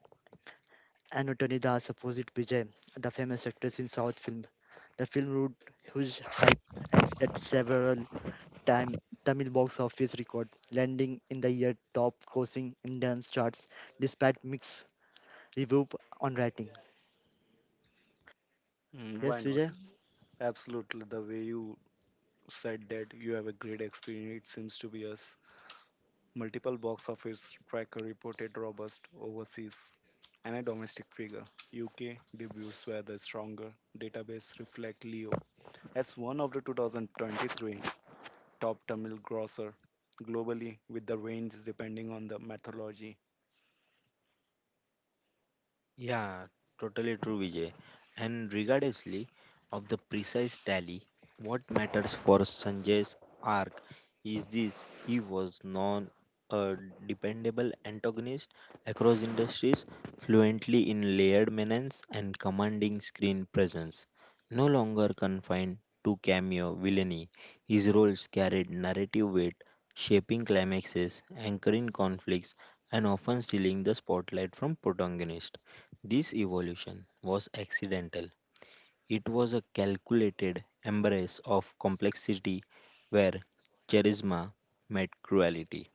[SPEAKER 2] Anutani Das opposite Vijay, the famous actress in South film. The film wrote huge hype and set several time Tamil box office record, landing in the year top grossing Indian charts despite mixed review on rating.
[SPEAKER 3] Why
[SPEAKER 2] Yes,
[SPEAKER 3] not?
[SPEAKER 2] Vijay?
[SPEAKER 3] Absolutely, the way you said that you have a great experience, it seems to be us. Multiple box office tracker reported robust overseas and a domestic figure. UK debuts were the stronger. Database reflect Leo as one of the 2023 top Tamil grosser globally, with the range depending on the methodology.
[SPEAKER 1] Yeah, totally true, Vijay. And regardlessly of the precise tally, what matters for Sanjay's arc is this he was non a dependable antagonist across industries, fluently in layered menace and commanding screen presence. No longer confined to cameo villainy, his roles carried narrative weight, shaping climaxes, anchoring conflicts, and often stealing the spotlight from protagonists. This evolution was accidental. It was a calculated embrace of complexity where charisma met cruelty,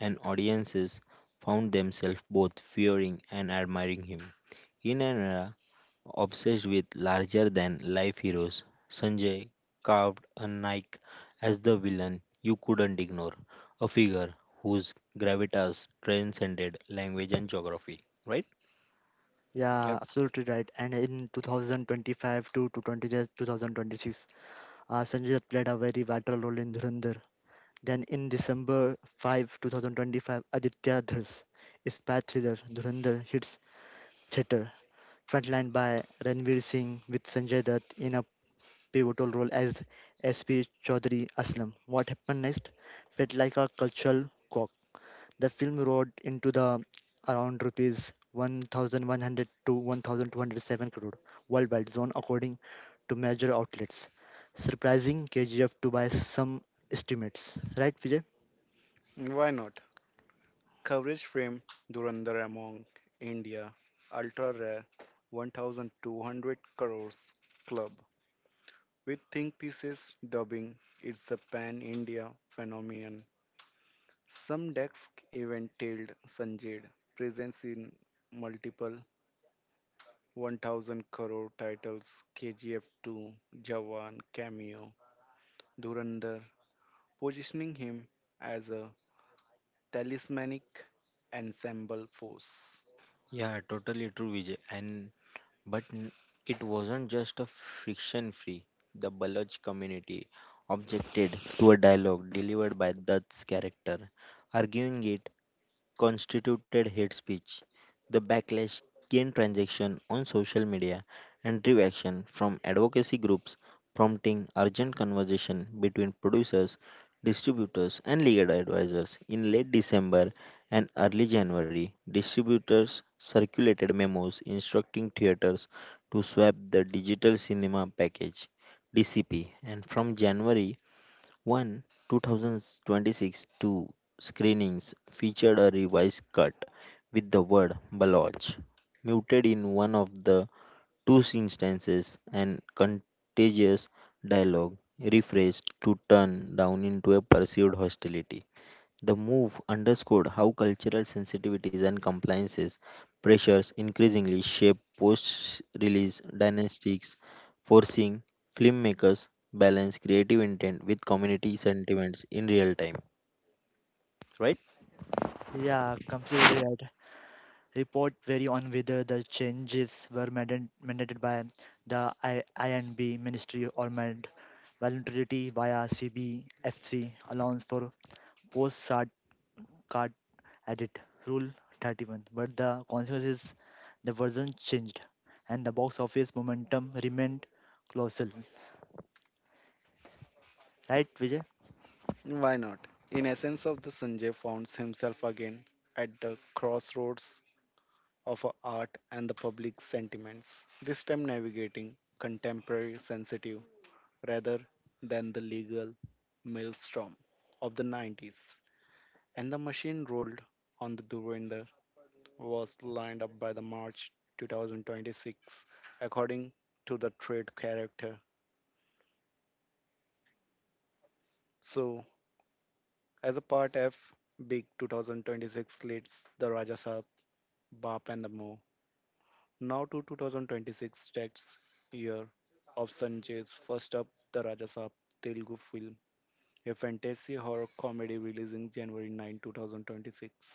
[SPEAKER 1] and audiences found themselves both fearing and admiring him. In an era obsessed with larger than life heroes, Sanjay carved a Nike as the villain you couldn't ignore, a figure whose gravitas transcended language and geography, right?
[SPEAKER 3] Yep.
[SPEAKER 2] Yeah, absolutely right. And in 2025 to 20, 2026, Sanjay Dutt played a very vital role in Dhurandhar. Then in December 5, 2025, Aditya Dhars, spy thriller Dhurandhar hits theater, frontlined by Ranveer Singh with Sanjay Dutt in a pivotal role as SP Chaudhary Aslam. What happened next felt like a cultural shock. The film roared into the around rupees 1100 to 1207 crore worldwide zone according to major outlets, surprising KGF to by some estimates. Right, Vijay?
[SPEAKER 3] Why not? Coverage frame Durandar among India, ultra rare 1200 crores club. With think pieces dubbing, it's a pan India phenomenon. Some decks even tailed Sanjay presence in multiple 1000 crore titles KGF2, Jawan, Cameo, Durandar, positioning him as a talismanic ensemble force.
[SPEAKER 1] Yeah, totally true, Vijay. And but n- it wasn't just a friction free. The Baloch community objected to a dialogue delivered by Dutt's character, arguing it constituted hate speech. The backlash gained traction on social media and drew action from advocacy groups, prompting urgent conversation between producers, distributors, and legal advisors. In late December and early January, distributors circulated memos instructing theaters to swap the digital cinema package DCP, and from January one 2026 two screenings featured a revised cut with the word Baloch muted in one of the two instances and contagious dialogue rephrased to turn down into a perceived hostility. The move underscored how cultural sensitivities and compliances pressures increasingly shape post release dynamics, forcing filmmakers balance creative intent with community sentiments in real time.
[SPEAKER 2] Yeah, completely right. Report vary on whether the changes were mandated by the INB Ministry or made voluntarily via CBFC allowance for post-SART card edit rule 31. But the consequences, the version changed and the box office momentum remained colossal. Right, Vijay?
[SPEAKER 3] Why not? In essence of the Sanjay finds himself again at the crossroads of a art and the public sentiments, this time navigating contemporary sensitive rather than the legal maelstrom of the 90s. And the machine rolled on the Dhurendra was lined up by the March 2026, according to the trade character. So, as a part F, Big 2026 leads the Rajasab, Bap, and the Mo. Now to 2026 tax year of Sanjay's first up, the Rajasab Telugu film, a fantasy horror comedy releasing January 9, 2026.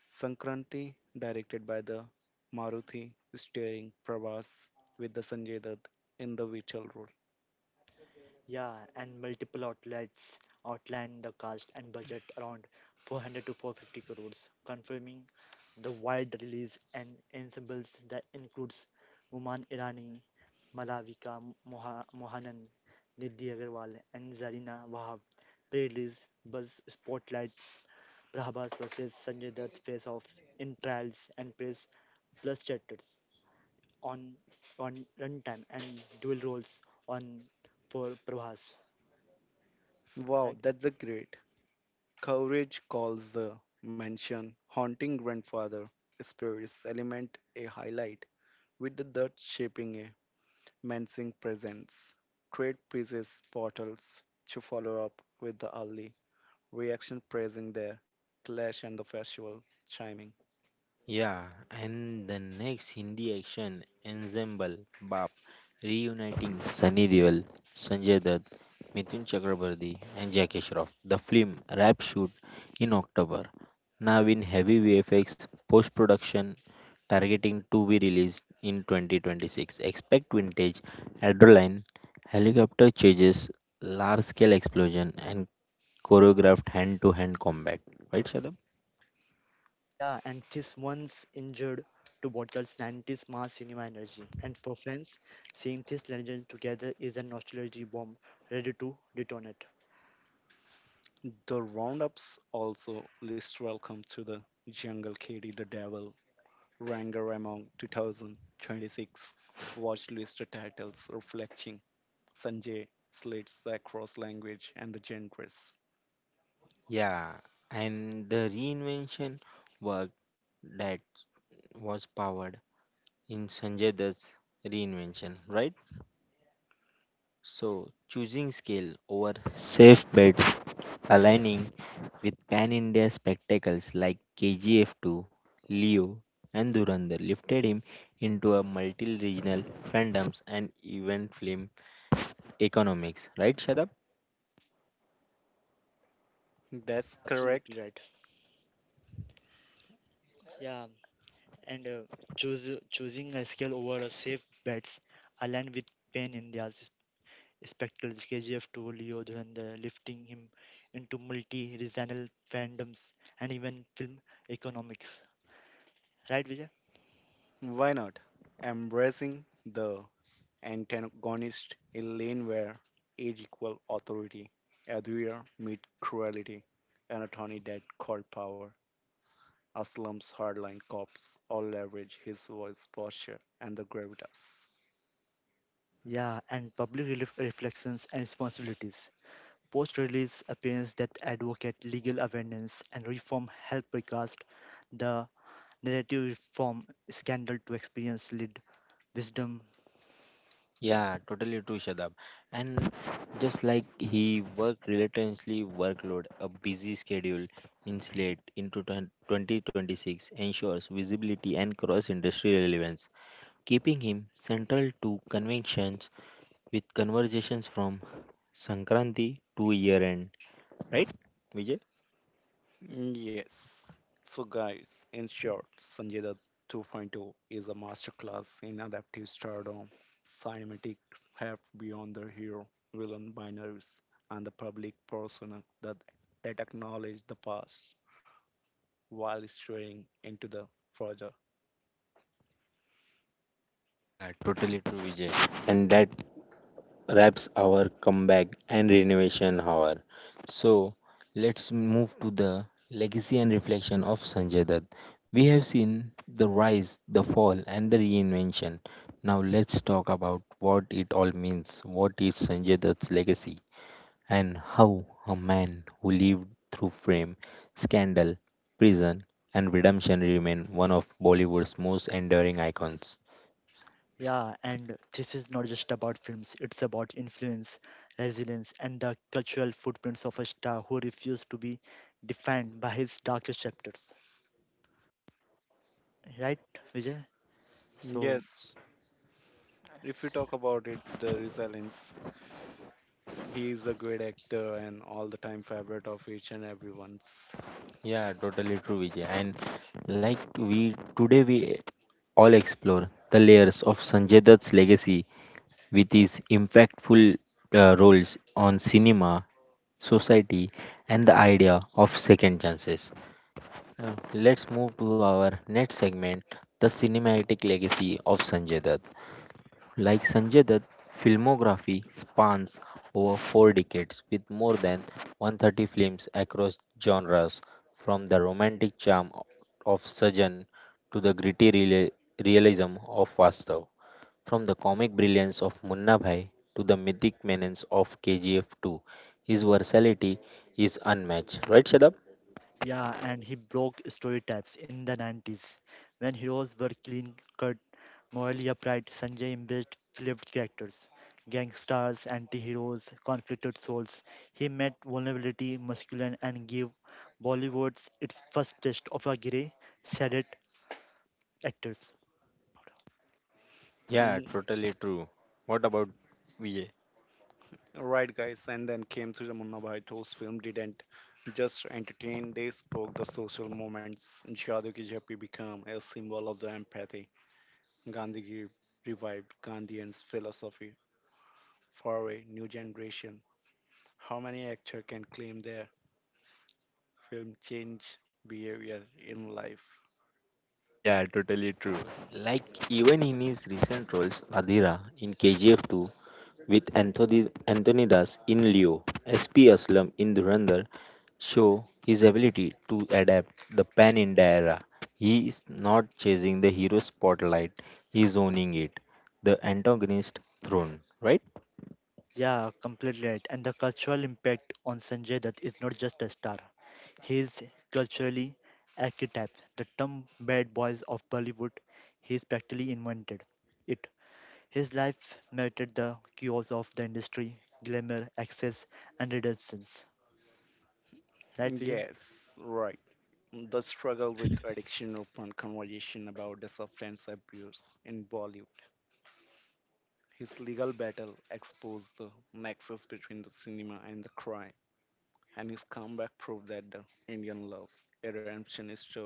[SPEAKER 3] Sankranti, directed by the Maruthi, starring Prabhas with the Sanjay Dutt in the vital role.
[SPEAKER 2] Yeah, and multiple outlets outline the cost and budget around 400 to 450 crores, confirming the wide release and ensembles that includes Uman Irani, Malavika Mohanan, Nidhi Agarwal, and Zarina Wahab. Pre-release buzz spotlight Prabhas versus Sanjay Dutt face-offs in trials and press plus chapters on on runtime and dual roles on for Prabhas,
[SPEAKER 3] Wow,
[SPEAKER 2] right?
[SPEAKER 3] that's a great. Courage calls the mansion haunting grandfather spirits element a highlight, with the dirt shaping a menacing presence. Trade pieces portals to follow up with the early reaction praising their clash and the festival chiming.
[SPEAKER 1] Yeah, and the next Hindi action ensemble Baap reuniting Sunny Deol, Sanjay Dutt, Mithun Chakrabarti, and Jackie Shroff. The film wrap shoot in October. Now in heavy VFX post production, targeting to be released in 2026. Expect vintage adrenaline, helicopter chases, large scale explosion, and choreographed hand to hand combat. Right, Shadab?
[SPEAKER 2] Yeah, and this once injured to bottles 90s mass cinema energy. And for fans, seeing this legend together is a nostalgia bomb ready to detonate.
[SPEAKER 3] The roundups also list welcome to the jungle kitty the devil ranger among 2026 watch list titles reflecting Sanjay slits across language and the genders.
[SPEAKER 1] Yeah, and the reinvention work that was powered in Sanjay Dutt's reinvention, right? So choosing scale over safe bets, aligning with pan India spectacles like KGF 2, Leo, and Durandar lifted him into a multi regional fandoms and event film economics, right, Shadab?
[SPEAKER 3] That's
[SPEAKER 2] Yeah,
[SPEAKER 3] correct.
[SPEAKER 2] absolutely right. Yeah, and choosing a scale over a safe bets aligned with Pain India's spectacles KGF two Leo Dhurandhar, lifting him into multi-regional fandoms and even film economics. Right, Vijay?
[SPEAKER 3] Why not? Embracing the antagonist in lane where age equal authority, adhere meet cruelty, and attorney that called power. Aslam's hardline cops all leverage his voice, posture, and the gravitas.
[SPEAKER 2] Yeah, and public reflections and responsibilities. Post release appearance that advocate legal awareness and reform help recast the narrative reform scandal to experience lead wisdom.
[SPEAKER 1] Yeah, totally true, Shadab. And just like he worked relentlessly, workload, a busy schedule in Slate into 2026 ensures visibility and cross-industry relevance, keeping him central to conventions with conversations from Sankranti to year-end. Right, Vijay?
[SPEAKER 3] Yes. So, guys, in short, Sanjay Dutt 2.0 is a masterclass in adaptive stardom, cinematic heft beyond the hero, villain binaries, and the public persona that acknowledge the past while straying into the future.
[SPEAKER 1] Yeah, totally true, Vijay. And that wraps our comeback and renovation hour. So let's move to the legacy and reflection of Sanjay Dutt. We have seen the rise, the fall, and the reinvention. Now let's talk about what it all means. What is Sanjay Dutt's legacy, and how a man who lived through fame, scandal, prison, and redemption remain one of Bollywood's most enduring icons.
[SPEAKER 2] Yeah, and this is not just about films, it's about influence, resilience, and the cultural footprints of a star who refused to be defined by his darkest chapters. Right, Vijay? So,
[SPEAKER 3] Yes, if you talk about it, the resilience, he is a great actor and all the time favorite of each and everyone's.
[SPEAKER 1] Yeah, totally true, Vijay. And like we all explore the layers of Sanjay Dutt's legacy with his impactful roles on cinema, society, and the idea of second chances. Let's move to our next segment, the cinematic legacy of Sanjay Dutt. Like Sanjay Dutt's filmography spans over four decades with more than 130 films across genres, from the romantic charm of Sajan to the gritty realism of Vastav, from the comic brilliance of Munna Bhai to the mythic menace of KGF 2. His versatility is unmatched. Right, Shadab?
[SPEAKER 2] yeah, and he broke stereotypes in the 90s when heroes were clean cut, morally upright. Sanjay embraced flipped characters, gangsters, anti heroes, conflicted souls. He met vulnerability, masculine, and gave Bollywood its first taste of a grey, shaded actors.
[SPEAKER 1] Yeah, totally true. What about Vijay?
[SPEAKER 3] Right, guys, and then came through the Munna whose film didn't just entertain, they spoke the social moments. Shadu Ki Jappi became a symbol of the empathy. Gandhi revived Gandhian's philosophy for a new generation. How many actors can claim their film changed behavior in life?
[SPEAKER 1] Like even in his recent roles, Adira in KGF 2 with Anthony Das in Leo, SP Aslam in Dhurandhar show his ability to adapt the pan India era. He is not chasing the hero spotlight, he is owning it. The antagonist throne, right?
[SPEAKER 2] Yeah, completely right. And the cultural impact on Sanjay Dutt is not just a star. He is culturally archetype. The term bad boys of Bollywood, he is practically invented it. His life mattered the chaos of the industry, glamour, access and redemptions. Right, Vijay?
[SPEAKER 3] Yes, right. The struggle with addiction opened conversation about the substance abuse in Bollywood. His legal battle exposed the nexus between the cinema and the crime, and his comeback proved that the Indian loves a redemption story.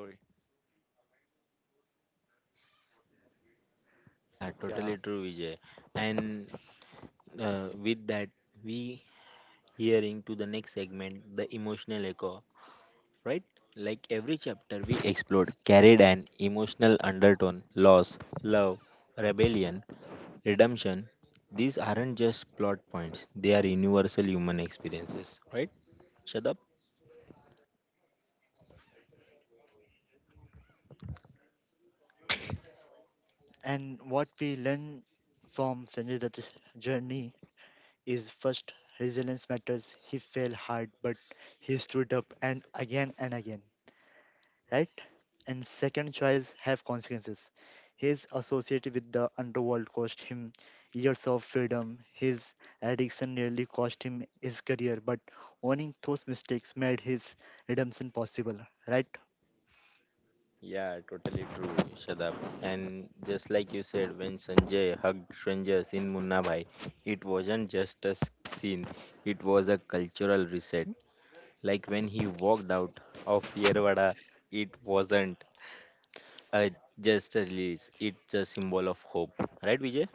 [SPEAKER 1] Yeah,
[SPEAKER 2] Yeah.
[SPEAKER 1] totally true, Vijay. And with that, we hearing to the next segment, the emotional echo right? Like every chapter we explored carried an emotional undertone loss, love, rebellion, redemption. These aren't just plot points, they are universal human experiences, right? Shadab?
[SPEAKER 2] And what we learn from Sanjay Dutt's journey is first resilience matters. He fell hard but he stood up and again and again. Right? And second choice have consequences. His association with the underworld cost him years of freedom. His addiction nearly cost him his career, but owning those mistakes made his redemption possible, right?
[SPEAKER 1] Yeah, totally true, Shadab. And just like you said, when Sanjay hugged strangers in Munna Bhai, it wasn't just a scene, it was a cultural reset. Like when he walked out of Yerwada, it wasn't. Uh, just a release. It's a symbol of hope, right, Vijay?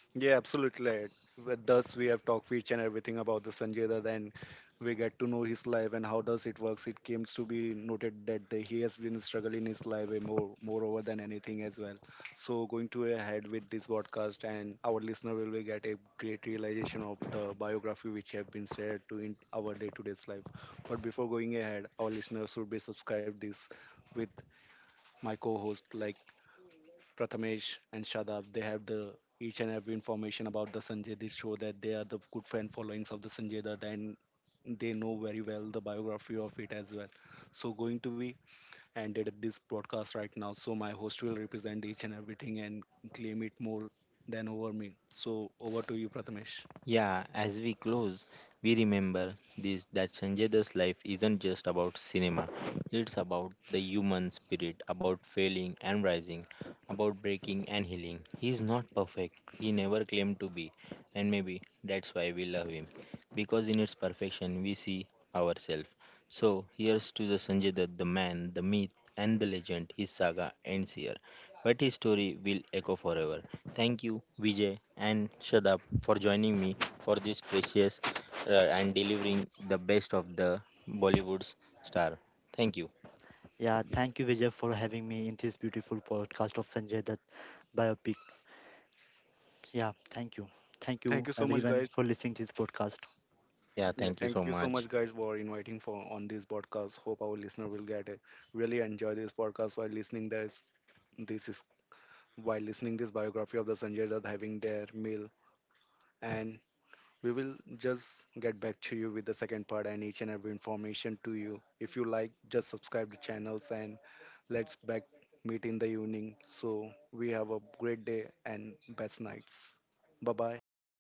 [SPEAKER 3] Yeah, absolutely right. With Thus, we have talked each and everything about the Sanjay Dutt, and we get to know his life and how does it works. It comes to be noted that the- he has been struggling his life way more, moreover than anything as well. So, going to ahead with this podcast, and our listener will be get a great realization of the biography which have been shared to in our day-to-day's life. But before going ahead, our listeners should be subscribed this with my co-host like Prathamesh and Shadab, they have the each and every information about the Sanjay. They show that they are the good fan followings of the Sanjay Dutt and they know very well the biography of it as well. So going to be ended up this broadcast right now. So my host will represent each and everything and claim it more than over me. So over to you, Prathamesh.
[SPEAKER 1] Yeah, as we close, we remember this that Sanjay Dutt's life isn't just about cinema. It's about the human spirit, about failing and rising, about breaking and healing. He's not perfect. He never claimed to be, and maybe that's why we love him, because in its perfection we see ourselves. So here's to the Sanjay Dutt, the man, the myth, and the legend. His saga ends here, but his story will echo forever. Thank you, Vijay and Shadab, for joining me for this precious and delivering the best of the Bollywood's star. Thank you.
[SPEAKER 2] Yeah, thank you, Vijay, for having me in this beautiful podcast of Sanjay Dutt biopic. Yeah, thank you. Thank
[SPEAKER 3] Thank you
[SPEAKER 2] you,
[SPEAKER 3] so much, guys.
[SPEAKER 2] everyone, for listening to this podcast.
[SPEAKER 1] Yeah,
[SPEAKER 3] Yeah,
[SPEAKER 1] thank you
[SPEAKER 3] thank you
[SPEAKER 1] so
[SPEAKER 3] so much,
[SPEAKER 1] much.
[SPEAKER 3] guys, for inviting for on this podcast. Hope our listener will get it. Really enjoy this podcast while listening. There's this is While listening this biography of the Sanjay Dutt having their meal and we will just get back to you with the second part and each and every information to you. If you like, just subscribe the channels and let's back meet in the evening. So we have a great day and best nights. Bye bye. Have a nice day.